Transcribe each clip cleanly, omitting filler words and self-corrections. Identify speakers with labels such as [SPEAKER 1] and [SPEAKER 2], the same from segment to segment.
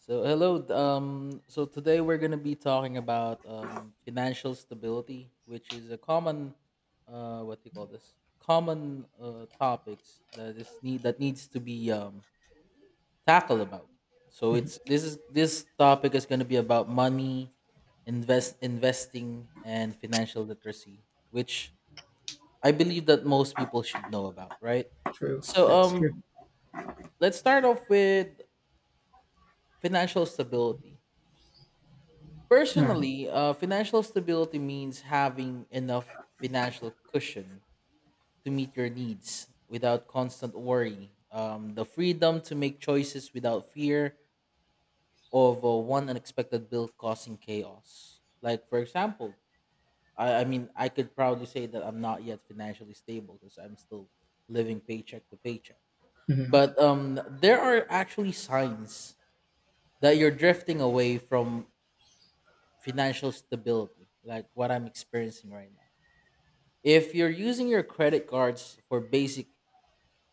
[SPEAKER 1] So hello. So today we're going to be talking about financial stability, which is a common, what do you call this? Common topics that is need that needs to be tackled about. So it's this is this topic is going to be about money, investing, and financial literacy, which I believe that most people should know about, right?
[SPEAKER 2] True.
[SPEAKER 1] So
[SPEAKER 2] That's
[SPEAKER 1] um,
[SPEAKER 2] true.
[SPEAKER 1] let's start off with financial stability.
[SPEAKER 2] All right.
[SPEAKER 1] Personally, financial stability means having enough financial cushion to meet your needs without constant worry. The freedom to make choices without fear of one unexpected bill causing chaos. Like, for example, I mean, I could proudly say that I'm not yet financially stable because I'm still living paycheck to paycheck.
[SPEAKER 2] Mhm.
[SPEAKER 1] But there are actually signs that you're drifting away from financial stability, like what I'm experiencing right now. If you're using your credit cards for basic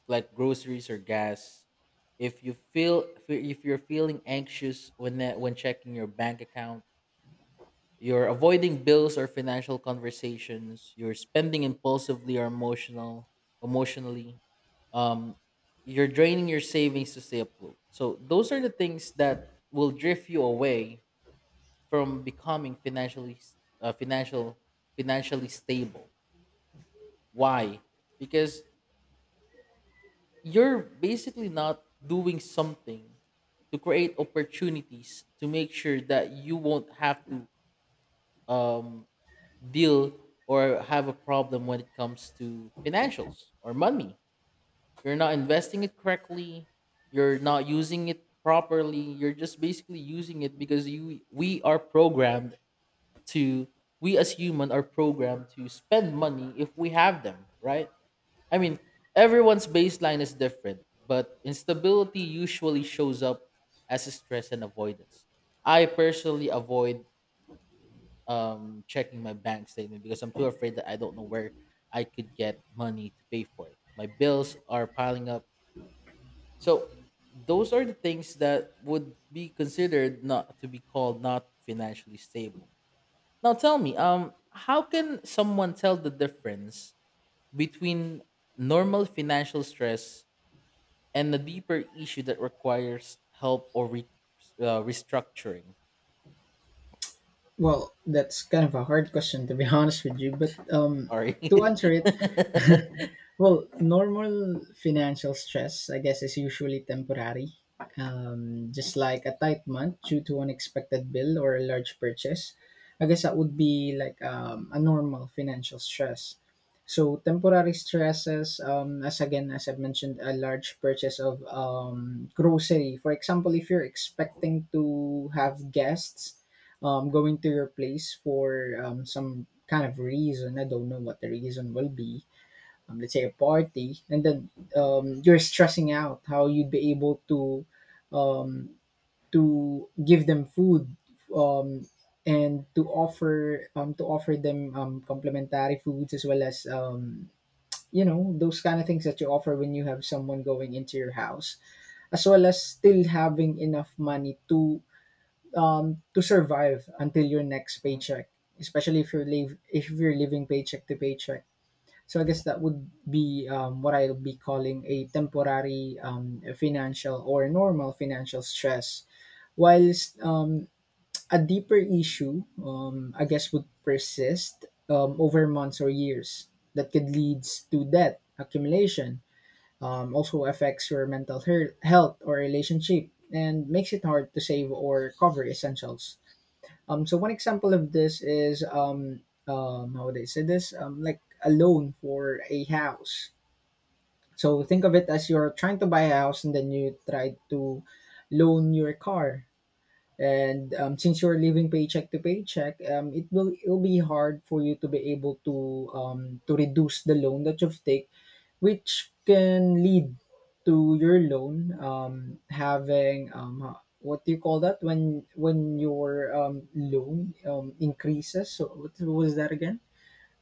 [SPEAKER 1] like groceries or gas, if you're feeling anxious when checking your bank account, you're avoiding bills or financial conversations, you're spending impulsively or emotionally, um you're draining your savings to stay afloat. So those are the things that will drift you away from becoming financially s- financial financially stable. Why? Because you're basically not doing something to create opportunities to make sure that you won't have to um, deal or have a problem when it comes to financials or money. You're not investing it correctly. You're not using it properly. You're just basically using it because you we are programmed to we as human are programmed to spend money if we have them, right? I mean, everyone's baseline is different, but instability usually shows up as stress and avoidance. I personally avoid checking my bank statement because I'm too afraid that I don't know where I could get money to pay for it. My bills are piling up. So those are the things that would be considered not to be called not financially stable. Now, tell me, how can someone tell the difference between normal financial stress and a deeper issue that requires help or restructuring.
[SPEAKER 2] Well, that's kind of a hard question to be honest with you, but to
[SPEAKER 1] Sorry.
[SPEAKER 2] answer it, Well, normal financial stress, I guess, is usually temporary. Just like a tight month due to unexpected bill or a large purchase. I guess that would be like a normal financial stress. So temporary stresses, as again as I've mentioned, a large purchase of grocery. For example, if you're expecting to have guests going to your place for some kind of reason, I don't know what the reason will be, let's say a party, and then, you're stressing out how you'd be able to, um, give them food, um, and to offer them complimentary foods, as well as, you know those kind of things that you offer when you have someone going into your house, as well as still having enough money to, to survive until your next
[SPEAKER 1] Mhm.
[SPEAKER 2] paycheck, especially if you're living paycheck to paycheck. So I
[SPEAKER 1] Yeah.
[SPEAKER 2] guess that would be what I'll be calling a temporary financial or normal financial stress. Whilst, a deeper issue, I guess, would persist over months or years that could lead to debt accumulation, also affects your mental health or relationship, and makes it hard to save or cover essentials. So one example of this is, how would I say this? Like a loan for a house. So think of it as you're trying to buy a house and then you try to loan your car. And since you're living paycheck to paycheck, it'll be hard for you to be able to, reduce the loan that you've take, which can lead to your loan having what do you call that when your, loan increases. So what was that again?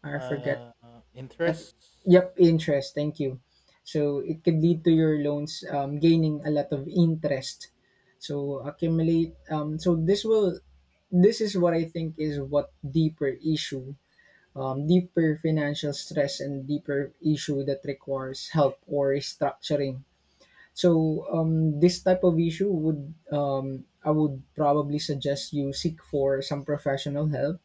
[SPEAKER 2] I forget.
[SPEAKER 1] Uh,
[SPEAKER 2] I th-
[SPEAKER 1] Interests.
[SPEAKER 2] yep, interest. Thank you. So it could lead to your loans gaining a lot of interest. So accumulate. So this will. This is what I think is what deeper issue, deeper financial stress, and deeper issue that requires help or restructuring. So this type of issue would I would probably suggest you seek for some professional help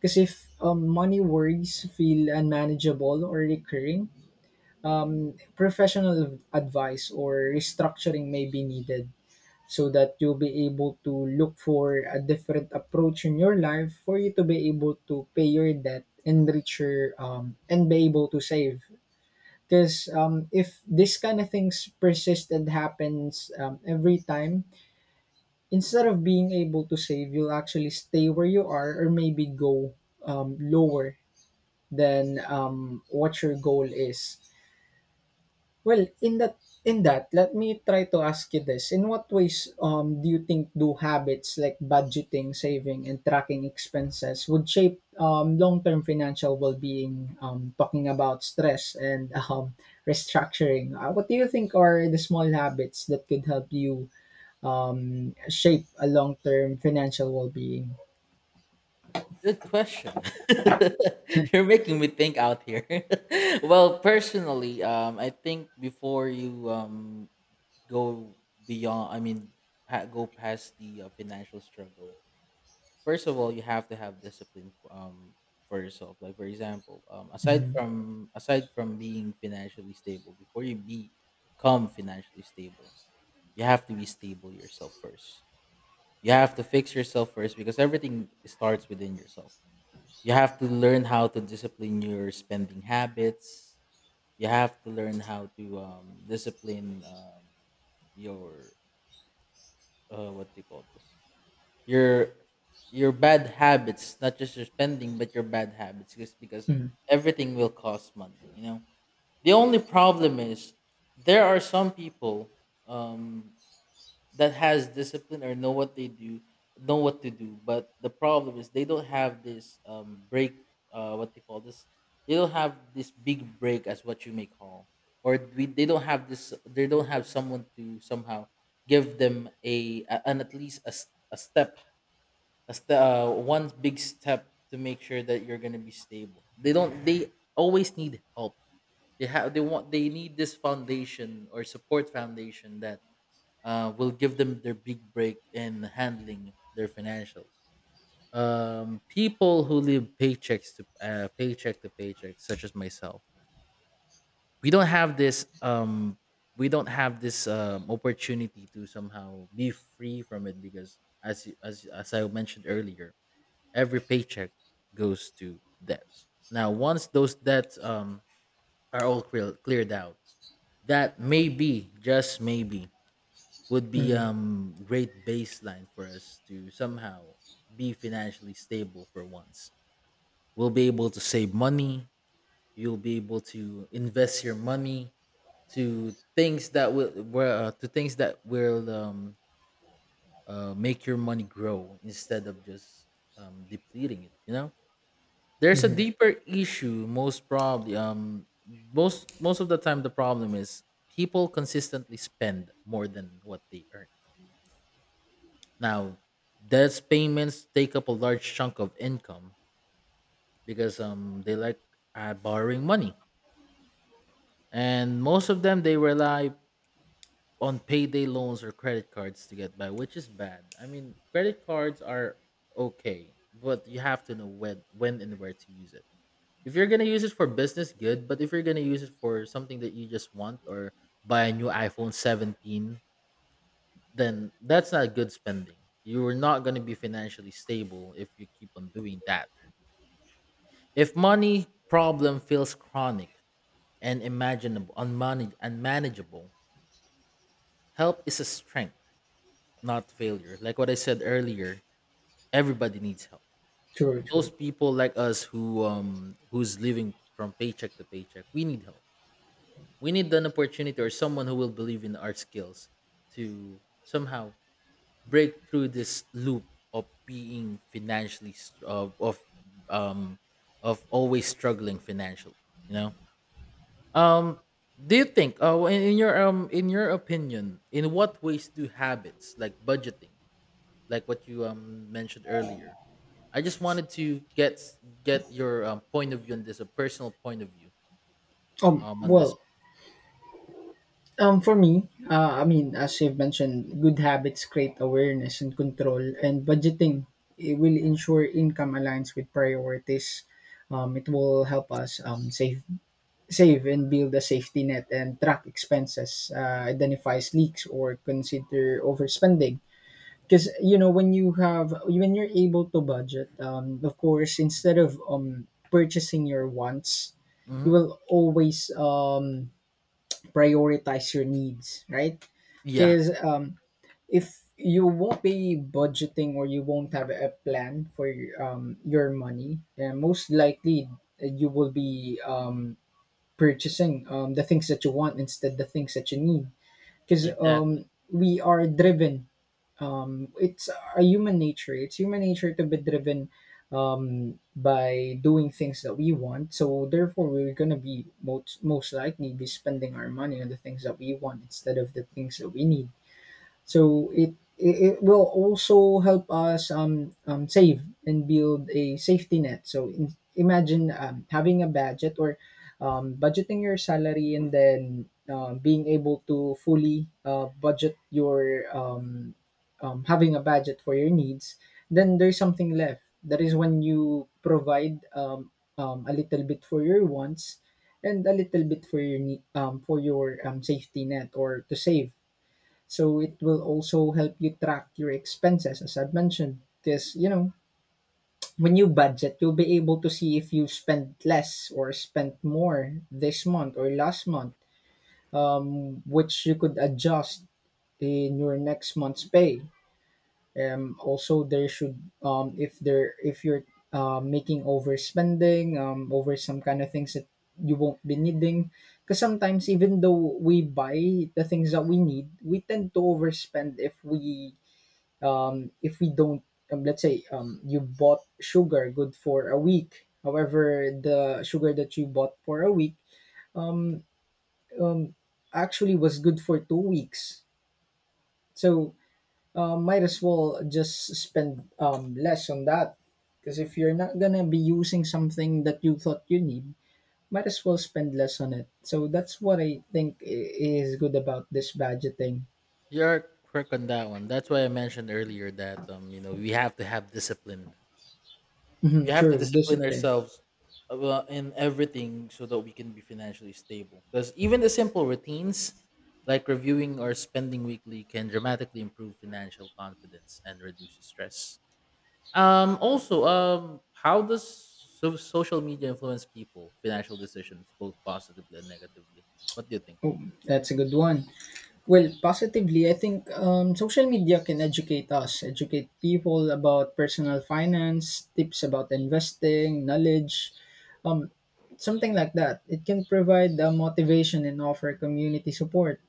[SPEAKER 2] because if, money worries feel unmanageable or recurring, professional advice or restructuring may be needed so that you'll be able to look for a different approach in your life for you to be able to pay your debt and reach your and be able to save, because if this kind of things persist and happens every time, instead of being able to save, you'll actually stay where you are, or maybe go, lower than, what your goal is. Well, let me try to ask you this. In what ways, do you think, do habits like budgeting, saving and tracking expenses would shape, long-term financial well-being, talking about stress and restructuring. What do you think are the small habits that could help you, shape a long-term financial well-being?
[SPEAKER 1] Good question. You're making me think out here. Well, personally, I think before you go beyond, I mean, go past the financial struggle. First of all, you have to have discipline for yourself. Like for example, aside
[SPEAKER 2] Mm-hmm.
[SPEAKER 1] from aside from being financially stable, before you be become financially stable, you have to be stable yourself first. You have to fix yourself first because everything starts within yourself. You have to learn how to discipline your spending habits. You have to learn how to discipline your what do you call this, your your bad habits, not just your spending but your bad habits, just because everything will cost money, you know? The only problem is there are some people, um, that has discipline or know what they do, know what to do, but the problem is they don't have this break, what they call this, they don't have this big break, as what you may call, or they don't have this, they don't have someone to somehow give them a an at least a, s- a step a st- one big step to make sure that you're going to be stable. They don't they always need help. They have they want they need this foundation or support foundation that will give them their big break in handling their financials. People who live paycheck to paycheck, such as myself, we don't have this. We don't have this opportunity to somehow be free from it because, as you- as I mentioned earlier, every paycheck goes to debts. Now, once those debts are all cleared out, that maybe, just maybe, would be
[SPEAKER 2] Mm-hmm.
[SPEAKER 1] great baseline for us to somehow be financially stable for once. We'll be able to save money. You'll be able to invest your money to things that will where, to things that will make your money grow instead of just depleting it. You know, there's a
[SPEAKER 2] Mm-hmm.
[SPEAKER 1] deeper issue. Most probably, most of the time, the problem is people consistently spend more than what they earn. Now, debts payments take up a large chunk of income because they like borrowing money, and most of them they rely on payday loans or credit cards to get by, which is bad. I mean, credit cards are okay, but you have to know when and where to use it. If you're gonna use it for business, good. But if you're gonna use it for something that you just want or buy a new iPhone 17, then that's not good spending. You are not gonna be financially stable if you keep on doing that. If money problem feels chronic and unmanageable, help is a strength, not failure. Like what I said earlier, everybody needs help.
[SPEAKER 2] True,
[SPEAKER 1] Those
[SPEAKER 2] true.
[SPEAKER 1] people like us who who's living from paycheck to paycheck, we need help. We need an opportunity or someone who will believe in our skills to somehow break through this loop of being financially str- um of always struggling financially, you know? Um, do you think, in your opinion, in what ways do habits like budgeting, like what you mentioned earlier? I just wanted to get your point of view on this, a personal point of view
[SPEAKER 2] Um,
[SPEAKER 1] on this.
[SPEAKER 2] well, Um, for me, I mean, as you've mentioned, good habits create awareness and control, and budgeting it will ensure income aligns with priorities. It will help us, save and build a safety net, and track expenses, identifies leaks or consider overspending. Because, you know, when you're able to budget, of course, instead of, purchasing your wants, you
[SPEAKER 1] Hmm.
[SPEAKER 2] will always, prioritize your needs, right?
[SPEAKER 1] Yeah,
[SPEAKER 2] Because, if you won't be budgeting or you won't have a plan for, your money, then most likely you will be, purchasing, the things that you want instead the things that you need. Because,
[SPEAKER 1] exactly.
[SPEAKER 2] we are driven, it's a human nature. It's human nature to be driven, by doing things that we want. So therefore, we're gonna be most likely be spending our money on the things that we want instead of the things that we need. So it will also help us, save and build a safety net. So, imagine, having a budget or, budgeting your salary, and then, being able to fully, budget your, having a budget for your needs. Then there's something left. That is when you provide, a little bit for your wants, and a little bit for your, for your, safety net or to save. So it will also help you track your expenses, as I've mentioned. Because when you budget, you'll be able to see if you spent less or spent more this month or last month, which you could adjust in your next month's pay. Also, there should, if you're, making overspending, over some kind of things that you won't be needing, because sometimes even though we buy the things that we need, we tend to overspend if we, if we don't, let's say, you bought sugar good for a week, however the sugar that you bought for a week actually was good for 2 weeks. So, might as well just spend, less on that, because if you're not gonna be using something that you thought you need, might as well spend less on it. So that's what I think is good about this budgeting.
[SPEAKER 1] You're correct on that one. That's why I mentioned earlier that we have to have discipline. We
[SPEAKER 2] Mhm,
[SPEAKER 1] have to
[SPEAKER 2] true
[SPEAKER 1] discipline
[SPEAKER 2] discipline.
[SPEAKER 1] ourselves, well, in everything so that we can be financially stable. Because even the simple routines, like reviewing or spending weekly, can dramatically improve financial confidence and reduce stress. Also, how does social media influence people financial decisions, both positively and negatively? What do you think?
[SPEAKER 2] That's a good one. Well, positively, I think, social media can educate us, educate people about personal finance, tips about investing, knowledge, um, something like that. It can provide the motivation and offer community support.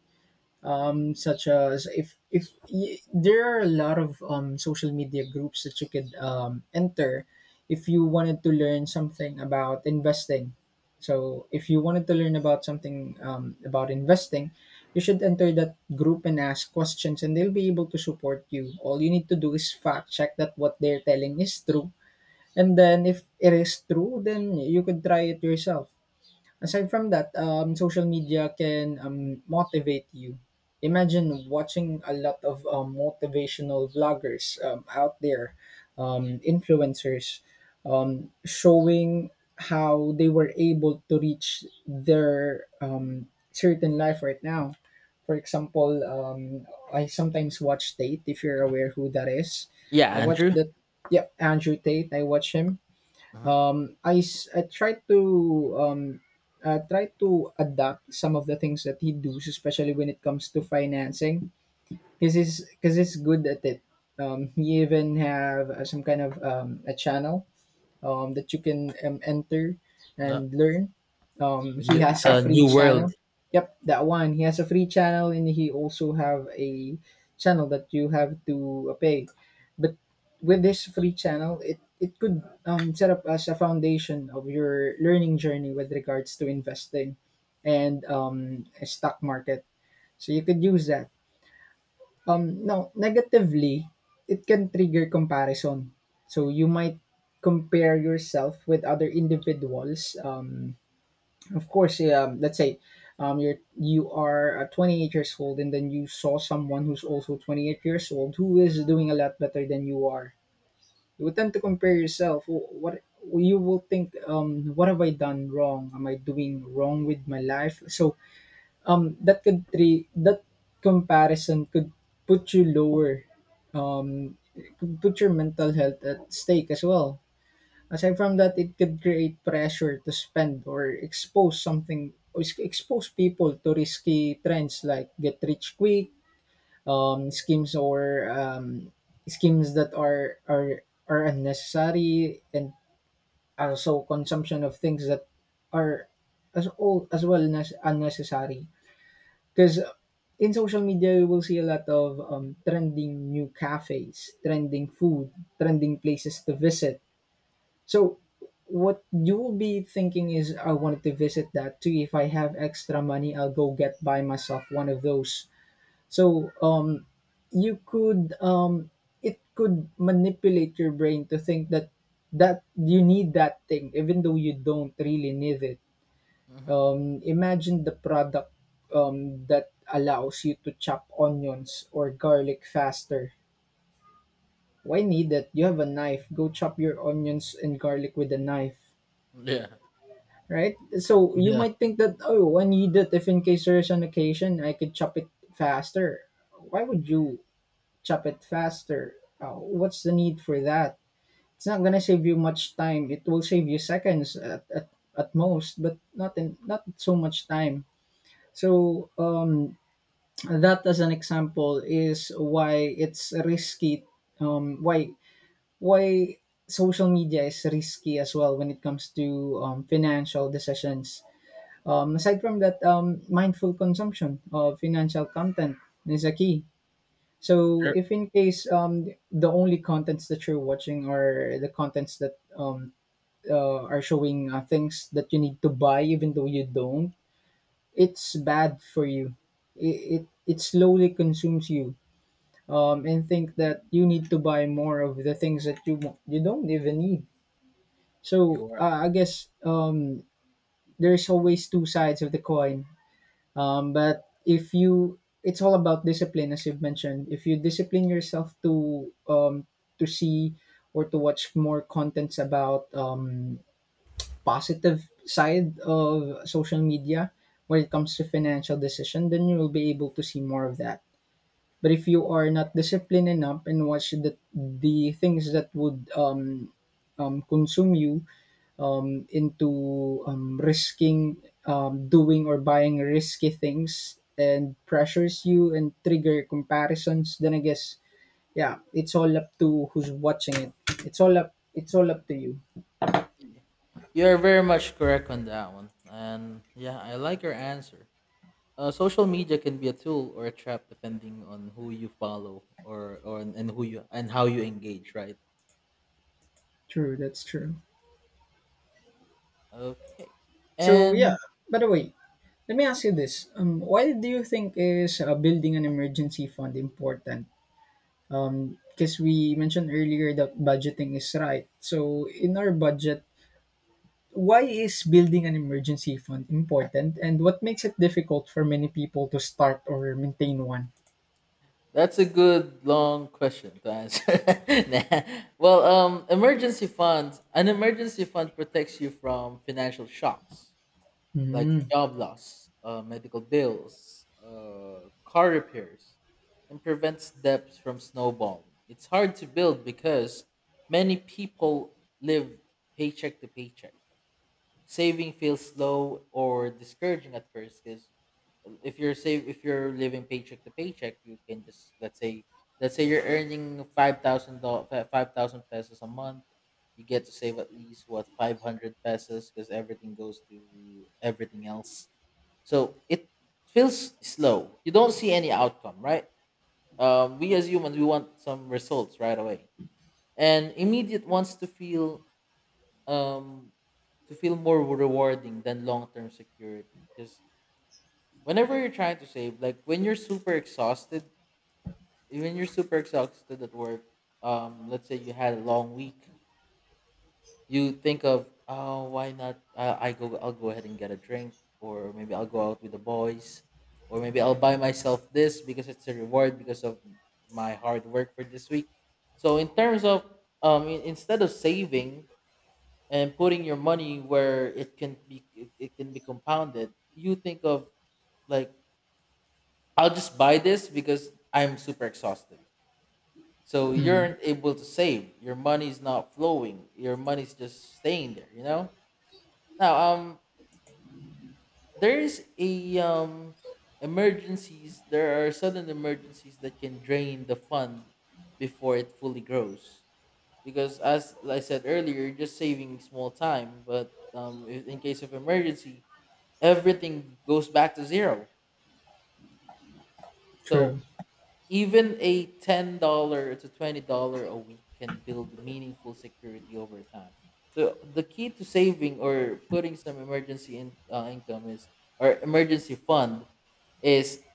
[SPEAKER 2] Such as, if y- there are a lot of, social media groups that you could, enter if you wanted to learn something about investing. So if you wanted to learn about something, about investing, you should enter that group and ask questions, and they'll be able to support you. All you need to do is fact check that what they're telling is true, and then if it is true, then you could try it yourself. Aside from that, social media can, motivate you. Imagine watching a lot of, motivational vloggers, out there, influencers, showing how they were able to reach their, certain life right now. For example, I sometimes watch Tate, if you're aware who that is.
[SPEAKER 1] Yeah,
[SPEAKER 2] I watch
[SPEAKER 1] Andrew.
[SPEAKER 2] that. Yeah, Andrew Tate. I watch him.
[SPEAKER 1] Mhm.
[SPEAKER 2] I try to, um, try to adapt some of the things that he does, especially when it comes to financing, because he's good at it. He even have, some kind of, a channel, that you can, enter
[SPEAKER 1] Uh,
[SPEAKER 2] and learn.
[SPEAKER 1] The
[SPEAKER 2] He
[SPEAKER 1] new,
[SPEAKER 2] has a
[SPEAKER 1] the
[SPEAKER 2] free
[SPEAKER 1] new world.
[SPEAKER 2] channel. Yep, that one. He has a free channel, and he also have a channel that you have to, pay. But with this free channel, it could, set up as a foundation of your learning journey with regards to investing and, stock market. So you could use that, no, negatively, it can trigger comparison. So you might compare yourself with other individuals. Of course, yeah, let's say, you are 28 years old, and then you saw someone who's also 28 years old who is doing a lot better than you are. You would tend to compare yourself. "Oh, what you will think? What have I done wrong? Am I doing wrong with my life?" So, that comparison could put you lower, um could put your mental health at stake as well. Aside from that, it could create pressure to spend or expose something, or expose people to risky trends like get rich quick, schemes, or schemes that are unnecessary, and also consumption of things that are, as well as unnecessary, because in social media, you will see a lot of, trending new cafes, trending food, trending places to visit. So, what you will be thinking is, I wanted to visit that too. If I have extra money, I'll go get buy myself one of those. So, you could, um, it could manipulate your brain to think that that you need that thing, even though you don't really need it.
[SPEAKER 1] Mhm.
[SPEAKER 2] Imagine the product, that allows you to chop onions or garlic faster. Why need it? You have a knife. Go chop your onions and garlic with a knife,
[SPEAKER 1] Yeah,
[SPEAKER 2] right? So you
[SPEAKER 1] yeah.
[SPEAKER 2] might think that, oh, I need it if in case there is an occasion I could chop it faster. Why would you chop it faster? What's the need for that? It's not gonna save you much time. It will save you seconds at most, but not in not so much time. So that as an example is why it's risky um why why social media is risky as well when it comes to financial decisions. Aside from that, mindful consumption of financial content is a key. So
[SPEAKER 1] You're,
[SPEAKER 2] if in case the only contents that you're watching are the contents that are showing things that you need to buy even though you don't, it's bad for you. It slowly consumes you, and think that you need to buy more of the things that you don't even need. So
[SPEAKER 1] you are
[SPEAKER 2] I guess there's always two sides of the coin. But if you, It's all about discipline, as you've mentioned. If you discipline yourself to see or to watch more contents about positive side of social media when it comes to financial decision, then you will be able to see more of that. But if you are not disciplined enough and watch the things that would consume you into risking, doing or buying risky things, and pressures you and trigger comparisons, then I guess, yeah, it's all up to who's watching it. It's all up to you.
[SPEAKER 1] Y- You're very much correct on that one. And yeah, I like your answer. Social media can be a tool or a trap depending on who you follow or and how you engage, right?
[SPEAKER 2] True, that's true.
[SPEAKER 1] Okay.
[SPEAKER 2] So yeah.
[SPEAKER 1] And
[SPEAKER 2] By the way, let me ask you this: Why do you think is building an emergency fund important? Because we mentioned earlier that budgeting is right. So, in our budget, why is building an emergency fund important, and what makes it difficult for many people to start or maintain one?
[SPEAKER 1] that's a good long question to answer. Nah. Well, emergency funds. An emergency fund protects you from financial shocks, like
[SPEAKER 2] Mm,
[SPEAKER 1] job loss, medical bills, car repairs, and prevents debts from snowballing. It's hard to build because many people live paycheck to paycheck. Saving feels slow or discouraging at first because if you're living paycheck to paycheck, you can just let's say you're earning $5,000, 5,000 pesos a month. You get to save at least, what, 500 pesos, because everything goes to everything else, so it feels slow. You don't see any outcome, right? We as humans, we want some results right away, and immediate wants um, to feel more rewarding than long term security. Because whenever you're trying to save, like when you're super exhausted, when you're super exhausted at work, let's say you had a long week, you think of, oh, why not? I'll go ahead and get a drink, or maybe I'll go out with the boys, or maybe I'll buy myself this because it's a reward because of my hard work for this week. So in terms of, instead of saving and putting your money where it can be compounded, you think of, like, I'll just buy this because I'm super exhausted. So you
[SPEAKER 2] mm.
[SPEAKER 1] aren't able to save. Your money's not flowing. Your money's just staying there, you know? Now, there's a emergencies, there are sudden emergencies that can drain the fund before it fully grows, because as I said earlier, you're just saving small time, but in case of emergency, everything goes back to zero.
[SPEAKER 2] True.
[SPEAKER 1] So even a $10 to $20 a week can build meaningful security over time. So the key to saving or putting some emergency in, income is, or emergency fund is,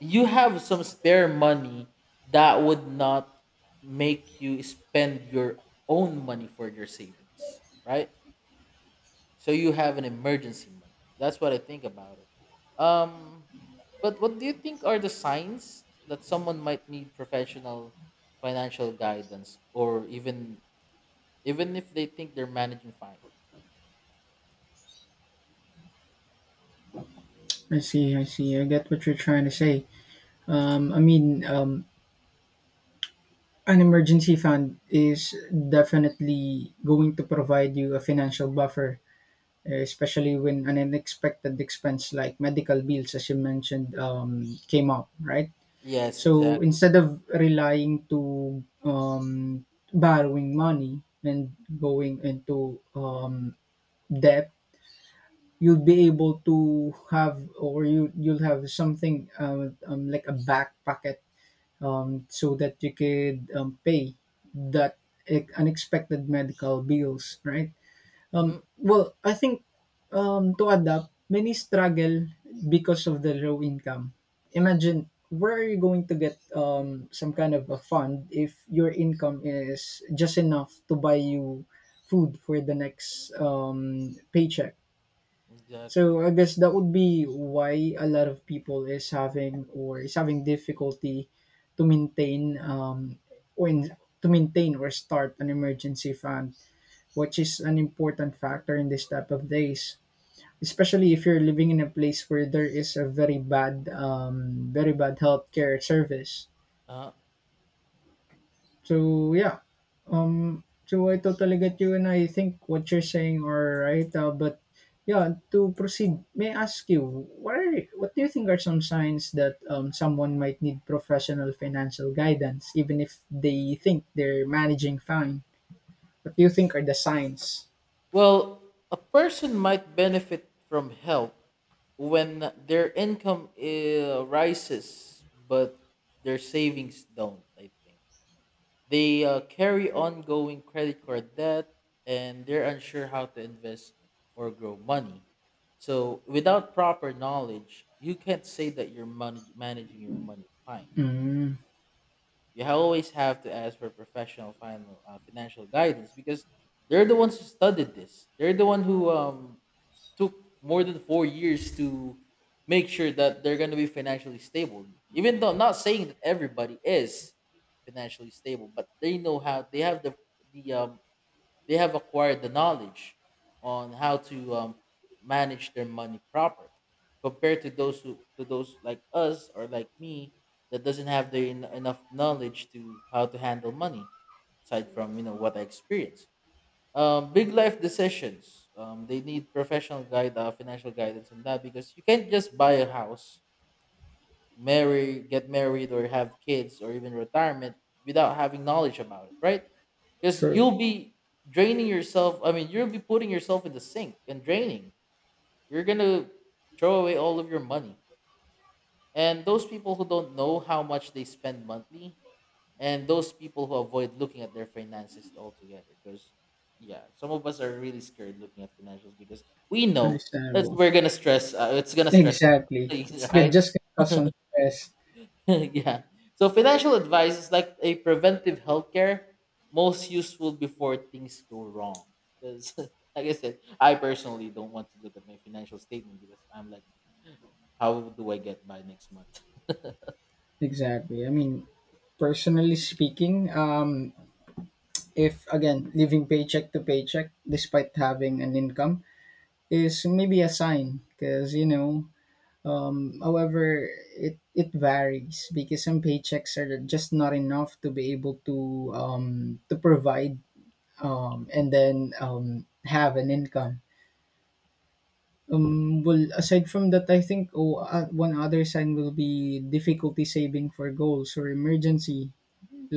[SPEAKER 1] you have some spare money that would not make you spend your own money for your savings, right? So you have an emergency money. That's what I think about it. Um, but what do you think are the signs that someone might need professional financial guidance, or even, even if they think they're managing fine?
[SPEAKER 2] I see, I see. I get what you're trying to say. I mean, an emergency fund is definitely going to provide you a financial buffer, especially when an unexpected expense like medical bills, as you mentioned, came up, right?
[SPEAKER 1] Yes,
[SPEAKER 2] So
[SPEAKER 1] exactly.
[SPEAKER 2] instead of relying to borrowing money and going into debt, you'll be able to have or you you'll have something, like a back pocket, so that you could pay that unexpected medical bills, right?
[SPEAKER 1] Hmm.
[SPEAKER 2] Well, I think, to adapt, many struggle because of the low income. Imagine where are you going to get some kind of a fund if your income is just enough to buy you food for the next paycheck? So
[SPEAKER 1] Exactly.
[SPEAKER 2] I guess that would be why a lot of people is having difficulty to maintain, or in, to maintain or start an emergency fund, which is an important factor in this type of days, especially if you're living in a place where there is a very bad, very bad healthcare service.
[SPEAKER 1] Uh,
[SPEAKER 2] So yeah, so I totally get you, and I think what you're saying are right, but yeah, to proceed, may I ask you, what do you think are some signs that someone might need professional financial guidance even if they think they're managing fine? What do you think are the signs?
[SPEAKER 1] Well, a person might benefit from help when their income rises, but their savings don't, I think. They carry ongoing credit card debt and they're unsure how to invest or grow money. So, without proper knowledge, you can't say that you're managing your money fine.
[SPEAKER 2] mm,
[SPEAKER 1] Always have to ask for professional financial guidance because they're the ones who studied this. They're the one who took more than 4 years to make sure that they're going to be financially stable. Even though I'm not saying that everybody is financially stable, but they know how they have the they have acquired the knowledge on how to manage their money properly compared to those who to those like us or like me that doesn't have the enough knowledge to how to handle money aside from you know what I experienced big life decisions. They need professional financial guidance on that because you can't just buy a house, marry, get married, or have kids, or even retirement without having knowledge about it, right? Because
[SPEAKER 2] True.
[SPEAKER 1] you'll be draining yourself. I mean, you'll be putting yourself in the sink and draining. You're gonna throw away all of your money. And those people who don't know how much they spend monthly and those people who avoid looking at their finances altogether because yeah, some of us are really scared looking at financials because we know that
[SPEAKER 2] Understandable.
[SPEAKER 1] we're gonna stress it's gonna stress us
[SPEAKER 2] Exactly. It's
[SPEAKER 1] out,
[SPEAKER 2] good-
[SPEAKER 1] right.
[SPEAKER 2] just gonna cause some stress.
[SPEAKER 1] Yeah, so financial advice is like a preventive healthcare, most useful before things go wrong because like I said, I personally don't want to look at my financial statement because I'm like, how do I get by next month?
[SPEAKER 2] Exactly. I mean, personally speaking, if again living paycheck to paycheck despite having an income is maybe a sign because you know. However, it varies because some paychecks are just not enough to be able to provide, and then have an income. Well, aside from that, I think one other sign will be difficulty saving for goals or emergency.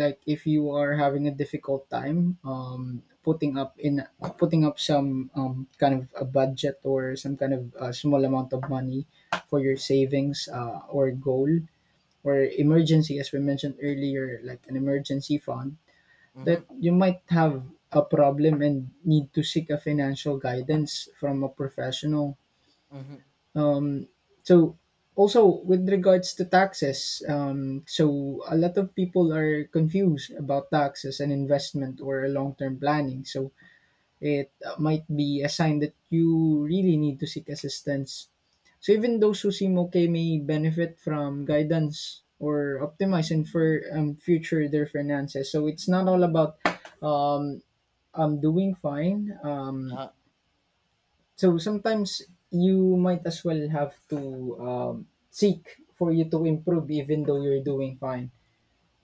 [SPEAKER 2] Like if you are having a difficult time, putting up some kind of a budget or some kind of small amount of money for your savings, or goal or emergency, as we mentioned earlier, like an emergency fund, that
[SPEAKER 1] hmm
[SPEAKER 2] you might have a problem and need to seek a financial guidance from a professional.
[SPEAKER 1] hmm
[SPEAKER 2] um, so Also, with regards to taxes, so a lot of people are confused about taxes and investment or long-term planning. So it might be a sign that you really need to seek assistance. So even those who seem okay may benefit from guidance or optimize for future their finances. So it's not all about, um, I'm doing fine. So sometimes you might as well have to seek for you to improve, even though you're doing fine.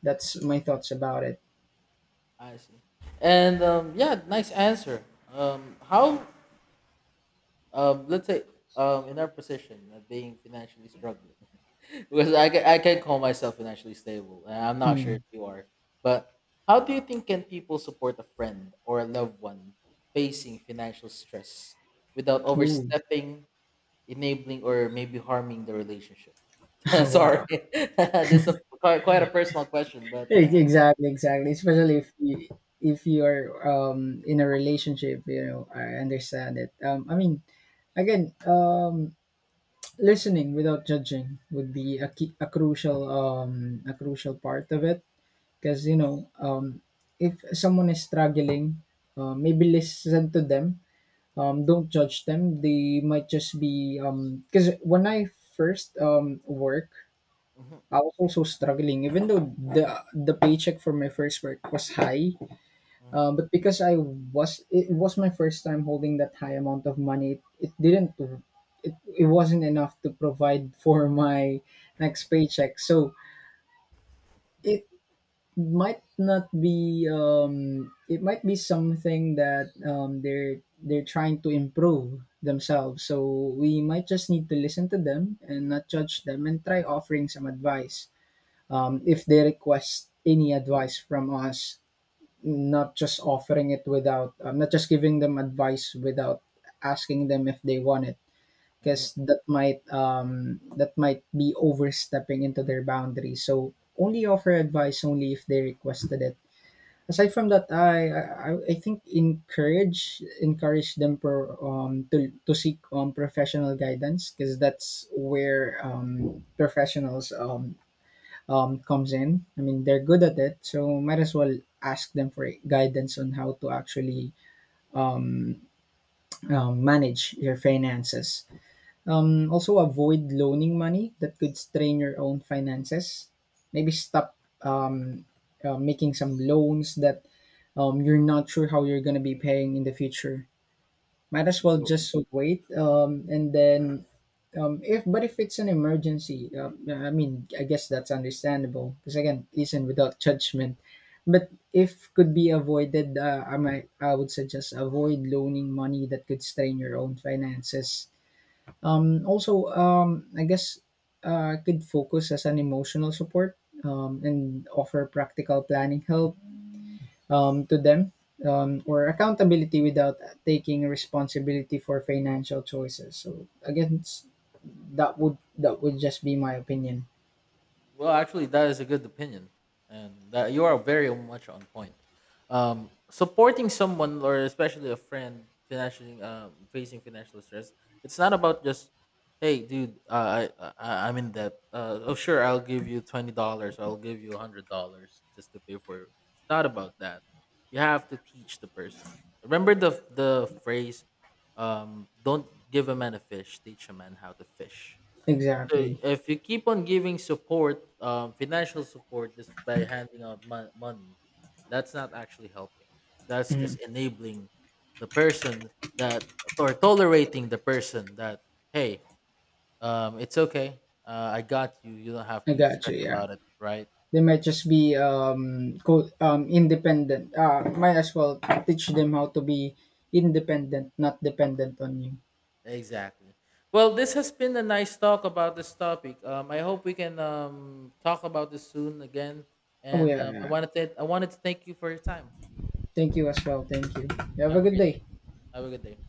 [SPEAKER 2] That's my thoughts about it.
[SPEAKER 1] I see. And yeah, nice answer. Um, how, let's say, in our position of being financially struggling, because I can call myself financially stable, and I'm not sure if
[SPEAKER 2] Mm.
[SPEAKER 1] you are, but how do you think can people support a friend or a loved one facing financial stress without
[SPEAKER 2] Ooh,
[SPEAKER 1] overstepping, enabling, or maybe harming the relationship? Sorry,
[SPEAKER 2] wow.
[SPEAKER 1] this is a, quite a personal question, but yeah.
[SPEAKER 2] E- Exactly, exactly. Especially if you, if you're in a relationship, you know, I understand it. I mean, again, listening without judging would be a key, a crucial part of it. Because, you know, if someone is struggling, maybe listen to them. Don't judge them. They might just be. Because when I first work,
[SPEAKER 1] hmm
[SPEAKER 2] I was also struggling. Even though the paycheck for my first work was high,
[SPEAKER 1] hmm
[SPEAKER 2] but because I was, it was my first time holding that high amount of money, it, it wasn't enough to provide for my next paycheck. So it might not be it might be something that they're trying to improve themselves. So we might just need to listen to them and not judge them, and try offering some advice if they request any advice from us, not just offering it without not just giving them advice without asking them if they want it,
[SPEAKER 1] hmm
[SPEAKER 2] because that might be overstepping into their boundaries. So only offer advice only if they requested it. Aside from that, I think encourage, encourage them for to seek professional guidance, because that's where professionals comes in. I mean, they're good at it, so might as well ask them for guidance on how to actually um, manage your finances. Also, avoid loaning money that could strain your own finances. Maybe stop um making some loans that you're not sure how you're going to be paying in the future. Might as well
[SPEAKER 1] You,
[SPEAKER 2] just wait, and then if, but if it's an emergency, I mean I guess that's understandable because again listen without judgment. But if could be avoided, I would suggest avoid loaning money that could strain your own finances. Also, I guess could focus as an emotional support, and offer practical planning help to them, or accountability without taking responsibility for financial choices. So again, that would, that would just be my opinion.
[SPEAKER 1] Well, actually, that is a good opinion, and that you are very much on point. Supporting someone, or especially a friend, financially facing financial stress, it's not about just, hey, dude, I'm in debt. Oh, sure, I'll give you $20. I'll give you $100 just to pay for it. It's not about that. You have to teach the person. Remember the phrase, "Don't give a man a fish, teach a man how to fish." So
[SPEAKER 2] Exactly.
[SPEAKER 1] if you keep on giving support, financial support just by handing out money, that's not actually helping. That's
[SPEAKER 2] Mhm.
[SPEAKER 1] just enabling the person that or tolerating the person that hey, it's okay. I got you. You don't have
[SPEAKER 2] I
[SPEAKER 1] to
[SPEAKER 2] got
[SPEAKER 1] stress
[SPEAKER 2] you. Yeah,
[SPEAKER 1] about it, right?
[SPEAKER 2] they might just be independent. Might as well teach them how to be independent, not dependent on you.
[SPEAKER 1] Exactly. Well, this has been a nice talk about this topic. I hope we can talk about this soon again.
[SPEAKER 2] Oh
[SPEAKER 1] And
[SPEAKER 2] yeah, yeah.
[SPEAKER 1] I wanted to thank you for your time.
[SPEAKER 2] Thank you as well. Thank you. You have a
[SPEAKER 1] Have a
[SPEAKER 2] good
[SPEAKER 1] great
[SPEAKER 2] day.
[SPEAKER 1] day. Have a good day.